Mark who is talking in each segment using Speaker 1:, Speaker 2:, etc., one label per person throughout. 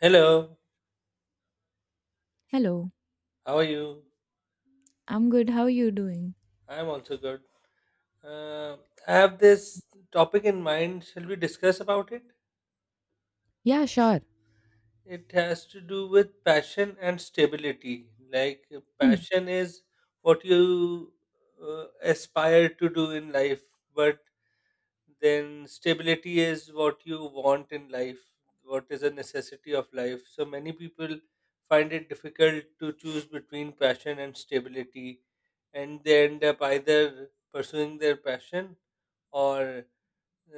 Speaker 1: Hello,
Speaker 2: Hello,
Speaker 1: how are you?
Speaker 2: I'm good. How are you doing?
Speaker 1: I'm also good. Uh, I have this topic in mind. Shall we discuss about it?
Speaker 2: Yeah, sure.
Speaker 1: It has to do with passion and stability. Like,
Speaker 2: Hmm.
Speaker 1: passion is what you aspire to do in life, but then stability is what you want in life, what is a necessity of life. So many people find it difficult to choose between passion and stability, and they end up either pursuing their passion or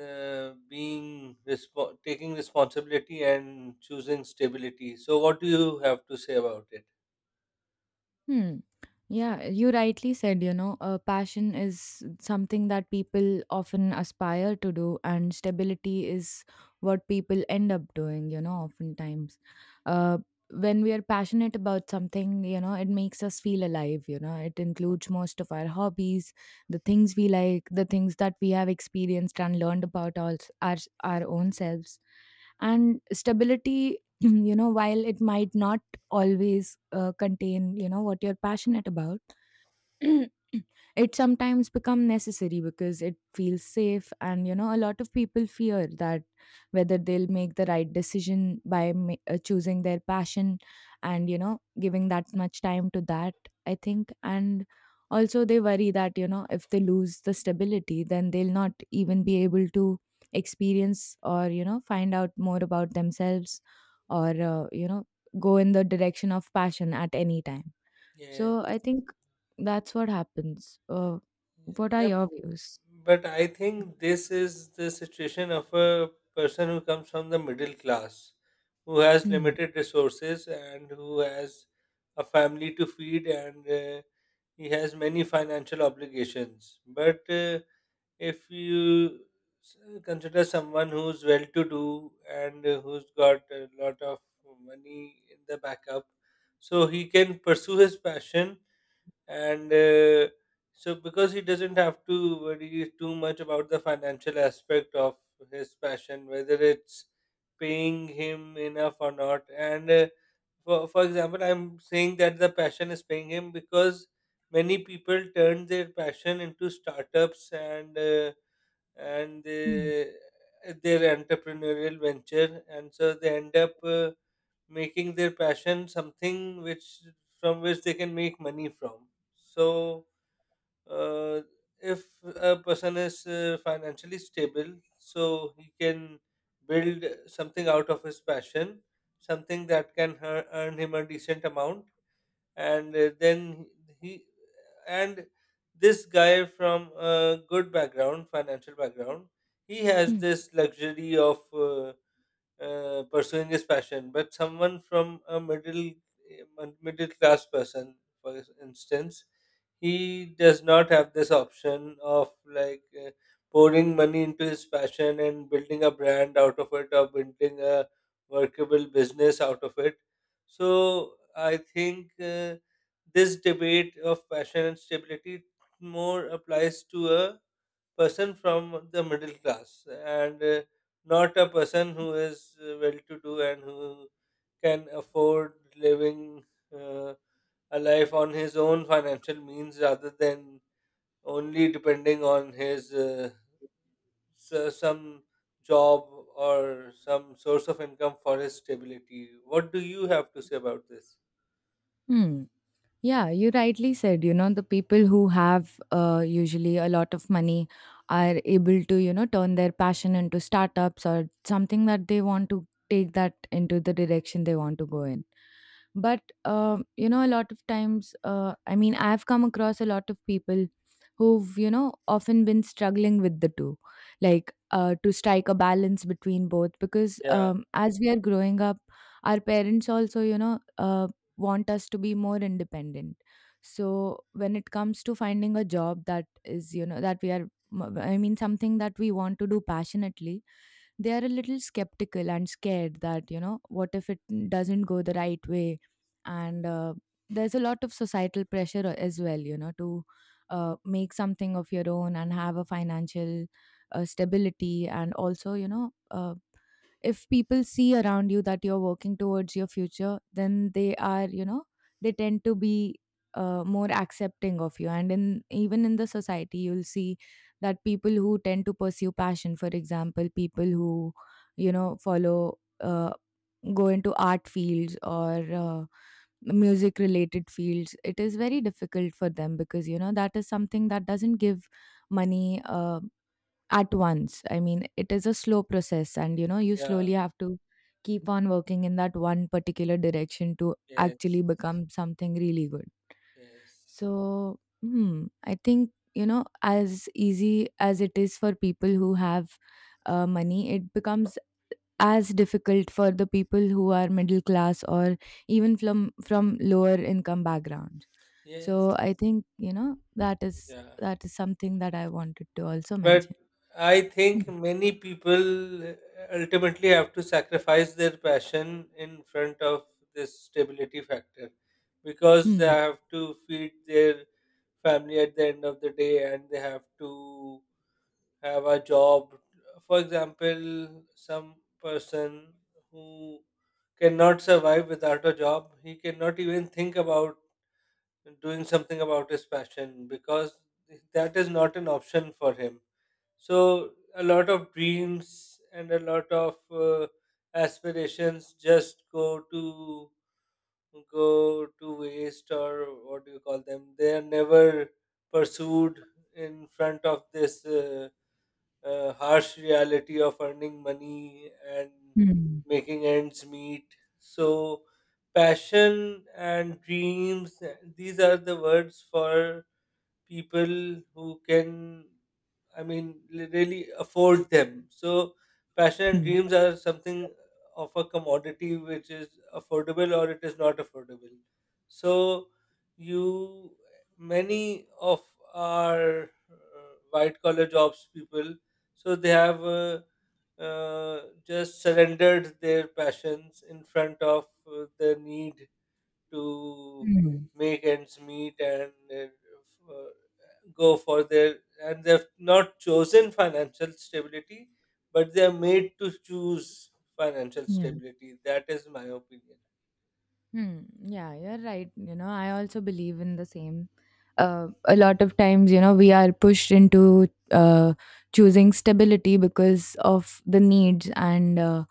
Speaker 1: taking responsibility and choosing stability. So what do you have to say about it?
Speaker 2: Hmm. Yeah, you rightly said, you know, passion is something that people often aspire to do, and stability is what people end up doing, you know, oftentimes. Uh, when we are passionate about something, you know, it makes us feel alive, you know, it includes most of our hobbies, the things we like, the things that we have experienced and learned about our, our own selves. And stability, you know, while it might not always contain you know what you're passionate about it sometimes become necessary because it feels safe, and you know a lot of people fear that whether they'll make the right decision by choosing their passion, and you know giving that much time to that. I think, and also they worry that you know if they lose the stability then they'll not even be able to experience or you know find out more about themselves, or you know go in the direction of passion at any time.
Speaker 1: Yeah.
Speaker 2: So I think that's what happens. What are
Speaker 1: Yep.
Speaker 2: your views?
Speaker 1: But I think this is the situation of a person who comes from the middle class, who has
Speaker 2: Hmm.
Speaker 1: limited resources and who has a family to feed, and he has many financial obligations. But if you s- consider someone who's well to do and who's got a lot of money in the backup, so he can pursue his passion, and so because he doesn't have to worry too much about the financial aspect of his passion, whether it's paying him enough or not. And for example, I'm saying that the passion is paying him because many people turn their passion into startups and uh, and
Speaker 2: Hmm.
Speaker 1: uh, their entrepreneurial venture, and so they end up making their passion something which from which they can make money from. So uh, if a person is financially stable, so he can build something out of his passion, something that can earn him a decent amount. And uh, then he and this guy from a good background, financial background, he has this luxury of pursuing his passion. But someone from a middle class person, for instance, he does not have this option of, like, pouring money into his passion and building a brand out of it, or building a workable business out of it. So I think this debate of passion and stability more applies to a person from the middle class, and not a person who is well to do and who can afford living uh, a life on his own financial means rather than only depending on his some job or some source of income for his stability. What do you have to say about this?
Speaker 2: Hmm. Yeah, you rightly said, you know, the people who have usually a lot of money are able to, you know, turn their passion into startups or something that they want to take that into the direction they want to go in. But, you know, a lot of times, I mean, I've come across a lot of people who've, you know, often been struggling with the two, like to strike a balance between both, because
Speaker 1: Yeah,
Speaker 2: as we are growing up, our parents also, you know, want us to be more independent. So when it comes to finding a job that is you know that we are, I mean, something that we want to do passionately, they are a little skeptical and scared that you know what if it doesn't go the right way. And there's a lot of societal pressure as well, you know, to make something of your own and have a financial stability, and also you know, if people see around you that you're working towards your future, then they are, you know, they tend to be more accepting of you. And in, even in the society you'll see that people who tend to pursue passion, for example people who you know follow, go into art fields or music related fields, it is very difficult for them because you know that is something that doesn't give money at once. I mean, it is a slow process, and you know, you
Speaker 1: yeah,
Speaker 2: slowly have to keep on working in that one particular direction to
Speaker 1: yes,
Speaker 2: actually become something really good.
Speaker 1: yes,
Speaker 2: So, hmm, I think you know, as easy as it is for people who have money, it becomes as difficult for the people who are middle class or even from lower income backgrounds. So,
Speaker 1: yes,
Speaker 2: I think you know that is
Speaker 1: yeah.
Speaker 2: that is something that I wanted to also
Speaker 1: But
Speaker 2: mention.
Speaker 1: I
Speaker 2: Hmm.
Speaker 1: think many people ultimately have to sacrifice their passion in front of this stability factor, because they
Speaker 2: Hmm.
Speaker 1: have to feed their family at the end of the day and they have to have a job. For example, some person who cannot survive without a job, he cannot even think about doing something about his passion because that is not an option for him. So a lot of dreams and a lot of aspirations just go to waste, or what do you call them? They are never pursued in front of this harsh reality of earning money and
Speaker 2: Hmm.
Speaker 1: making ends meet. So passion and dreams, these are the words for people who can, I mean, really afford them. So passion and
Speaker 2: Hmm.
Speaker 1: dreams are something of a commodity which is affordable or it is not affordable. So, you, many of our white collar jobs people, so they have just surrendered their passions in front of the need to
Speaker 2: Mm.
Speaker 1: make ends meet, and uh, go for their and they've not chosen financial stability, but they are made to choose financial
Speaker 2: Yeah.
Speaker 1: stability. That is my opinion.
Speaker 2: Hmm. Yeah, you're right. You know, I also believe in the same. A lot of times, you know, we are pushed into choosing stability because of the needs, and,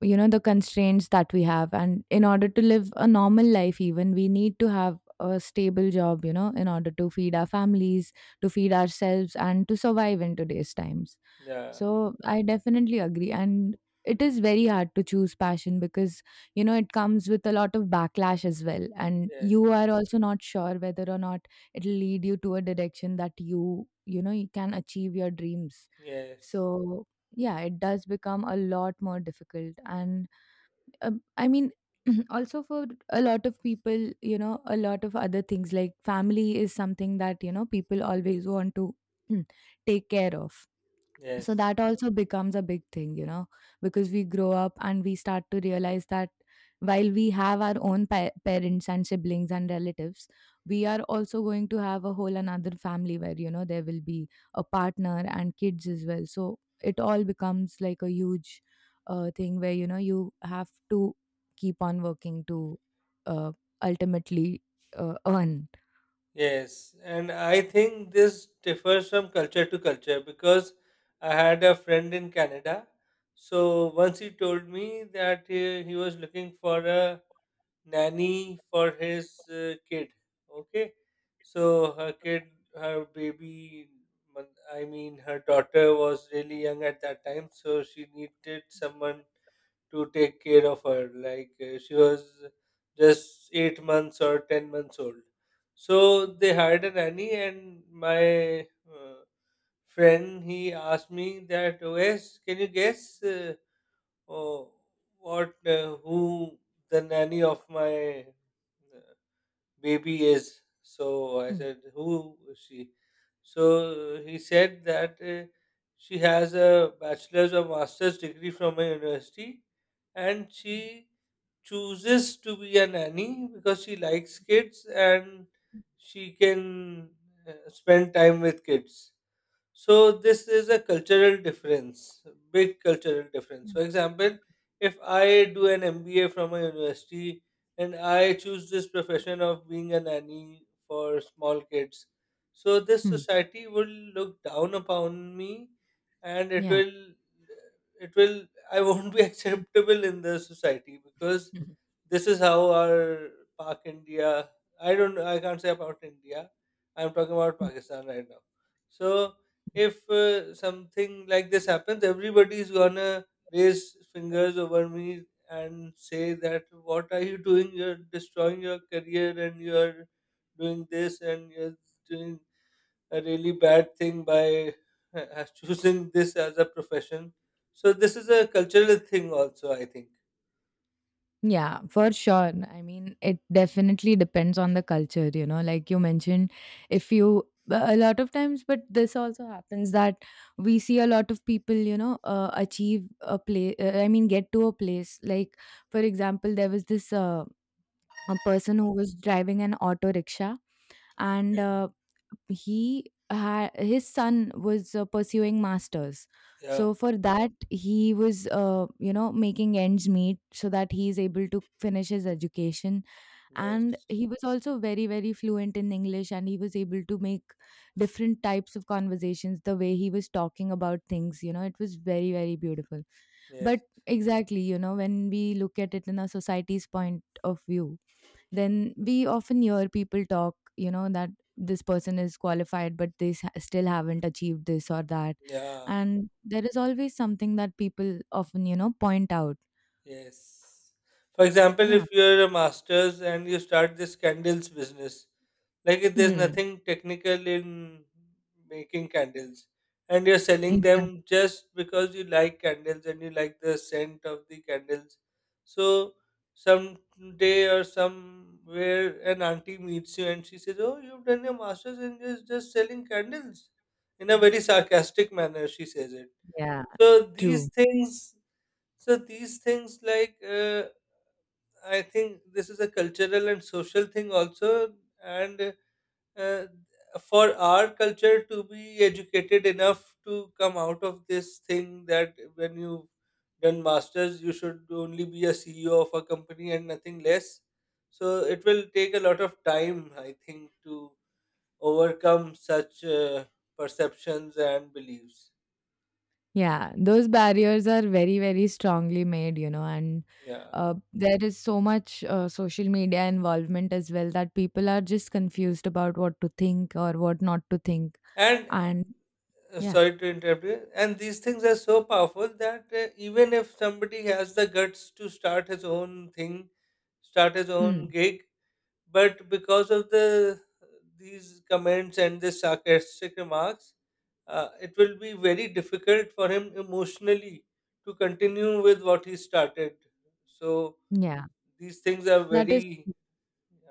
Speaker 2: you know, the constraints that we have. And in order to live a normal life, even, we need to have a stable job, you know, in order to feed our families, to feed ourselves, and to survive in today's times.
Speaker 1: Yeah,
Speaker 2: So I definitely agree. And it is very hard to choose passion because, you know, it comes with a lot of backlash as well. And
Speaker 1: yeah,
Speaker 2: you are also not sure whether or not it'll lead you to a direction that you know, you can achieve your dreams.
Speaker 1: yes,
Speaker 2: So, yeah, it does become a lot more difficult. And I mean, also for a lot of people, you know, a lot of other things like family is something that, you know, people always want to take care of. So
Speaker 1: yes,
Speaker 2: that also becomes a big thing, you know, because we grow up and we start to realize that while we have our own parents and siblings and relatives, we are also going to have a whole another family where, you know, there will be a partner and kids as well. So it all becomes like a huge thing where, you know, you have to keep on working to uh, ultimately earn.
Speaker 1: yes. And I think this differs from culture to culture, because I had a friend in Canada. So once he told me that he was looking for a nanny for his kid. Okay, so her kid, her baby, I mean, her daughter was really young at that time, so she needed someone to take care of her. Like, she was just 8 months or 10 months old. So they hired a nanny, and my uh, friend, he asked me that, "Wes, can you guess oh, what who the nanny of my uh, baby is?" So I
Speaker 2: Hmm.
Speaker 1: said, who is she? So he said that she has a bachelor's or master's degree from a university, and she chooses to be a nanny because she likes kids and she can spend time with kids. So this is a cultural difference, big cultural difference.
Speaker 2: Hmm.
Speaker 1: For example, if I do an MBA from a university and I choose this profession of being a nanny for small kids, so this
Speaker 2: Hmm.
Speaker 1: society will look down upon me, and
Speaker 2: Yeah.
Speaker 1: it will, I won't be acceptable in the society, because this is how our Pak India. I don't. I can't say about India. I'm talking about Pakistan right now. So if something like this happens, everybody's gonna raise fingers over me and say that what are you doing? You're destroying your career, and you're doing this, and you're doing a really bad thing by choosing this as a profession. So this is a cultural thing also, I think.
Speaker 2: Yeah, for sure. I mean, it definitely depends on the culture, you know, like you mentioned, if you, a lot of times, but this also happens that we see a lot of people, you know, achieve a place, I mean, get to a place. Like, for example, there was this a person who was driving an auto rickshaw, and
Speaker 1: Yeah,
Speaker 2: he had, his son was pursuing masters.
Speaker 1: yeah,
Speaker 2: So for that he was, you know, making ends meet so that he is able to finish his education. And
Speaker 1: yes,
Speaker 2: he was also very fluent in english, and he was able to make different types of conversations. The way he was talking about things, you know, it was very beautiful. But
Speaker 1: yes,
Speaker 2: exactly, you know, when we look at it in a society's point of view, then we often hear people talk, you know, that this person is qualified but they still haven't achieved this or that,
Speaker 1: yeah,
Speaker 2: and there is always something that people often you know point out.
Speaker 1: yes. For example,
Speaker 2: Yeah.
Speaker 1: if you're a master's and you start this candles business, like, if there's
Speaker 2: Hmm.
Speaker 1: nothing technical in making candles and you're selling
Speaker 2: Exactly.
Speaker 1: them just because you like candles and you like the scent of the candles. So some day or somewhere an auntie meets you and she says, "Oh, you've done your master's and you're just selling candles," in a very sarcastic manner, she says it.
Speaker 2: Yeah.
Speaker 1: So
Speaker 2: True.
Speaker 1: these things, like, I think this is a cultural and social thing also, and uh, for our culture to be educated enough to come out of this thing that when you've done masters, you should only be a CEO of a company and nothing less. So it will take a lot of time, I think, to overcome such perceptions and beliefs.
Speaker 2: Yeah, those barriers are very strongly made, you know, and
Speaker 1: Yeah,
Speaker 2: there is so much social media involvement as well that people are just confused about what to think or what not to think,
Speaker 1: and
Speaker 2: and yeah.
Speaker 1: Sorry to interrupt you. And these things are so powerful that even if somebody has the guts to start his own thing, start his own
Speaker 2: Hmm.
Speaker 1: gig, but because of the these comments and the sarcastic remarks, it will be very difficult for him emotionally to continue with what he started. So
Speaker 2: Yeah,
Speaker 1: these things are
Speaker 2: that is,
Speaker 1: very,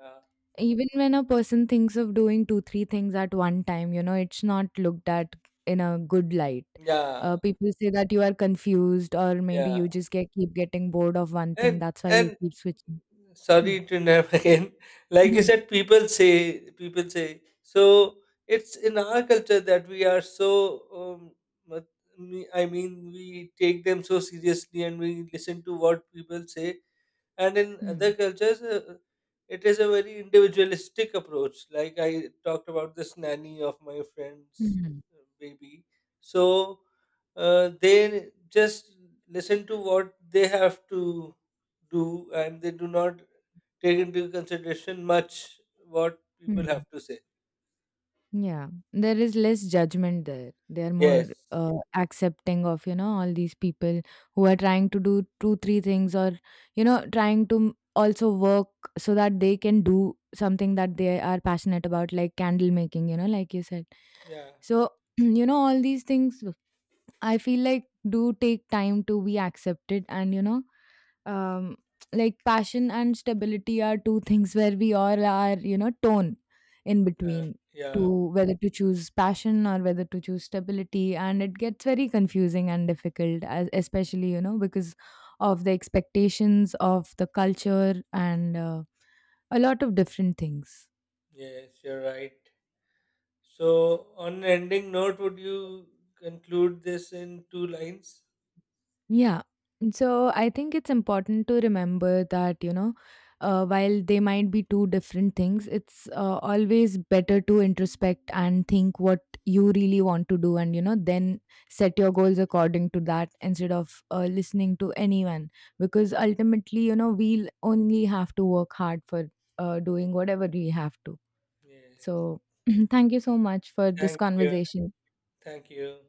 Speaker 1: uh,
Speaker 2: even when a person thinks of doing two, three things at one time, you know, it's not looked at in a good light.
Speaker 1: yeah,
Speaker 2: People say that you are confused, or maybe
Speaker 1: yeah.
Speaker 2: you just get, keep getting bored of one thing.
Speaker 1: And
Speaker 2: That's why you
Speaker 1: and
Speaker 2: keep switching. Hmm.
Speaker 1: sorry to interrupt again. Like
Speaker 2: I
Speaker 1: you
Speaker 2: know.
Speaker 1: said, people say so. It's in our culture that we are so. Um, mat- I mean, we take them so seriously, and we listen to what people say. And in
Speaker 2: Hmm.
Speaker 1: other cultures, it is a very individualistic approach. Like, I talked about this nanny of my friend's
Speaker 2: Hmm.
Speaker 1: baby. So they just listen to what they have to do, and they do not take into consideration much what people
Speaker 2: Hmm.
Speaker 1: have to say.
Speaker 2: Yeah, there is less judgment there. They are more
Speaker 1: Yes,
Speaker 2: accepting of, you know, all these people who are trying to do two, three things, or, you know, trying to also work so that they can do something that they are passionate about, like candle making, you know, like you said.
Speaker 1: yeah,
Speaker 2: So, you know, all these things I feel like do take time to be accepted, and, you know, um, like passion and stability are two things where we all are you know torn in
Speaker 1: uh,
Speaker 2: between
Speaker 1: yeah.
Speaker 2: to whether to choose passion or whether to choose stability, and it gets very confusing and difficult as, especially you know because of the expectations of the culture and a lot of different things.
Speaker 1: Yes, you're right. So on an ending note, would you conclude this in 2 lines?
Speaker 2: Yeah. So I think it's important to remember that, you know, while they might be two different things, it's always better to introspect and think what you really want to do and, you know, then set your goals according to that instead of listening to anyone. Because ultimately, you know, we'll only have to work hard for doing whatever we have to.
Speaker 1: Yes.
Speaker 2: So thank you so much for this
Speaker 1: Thank you.
Speaker 2: conversation.
Speaker 1: Thank you.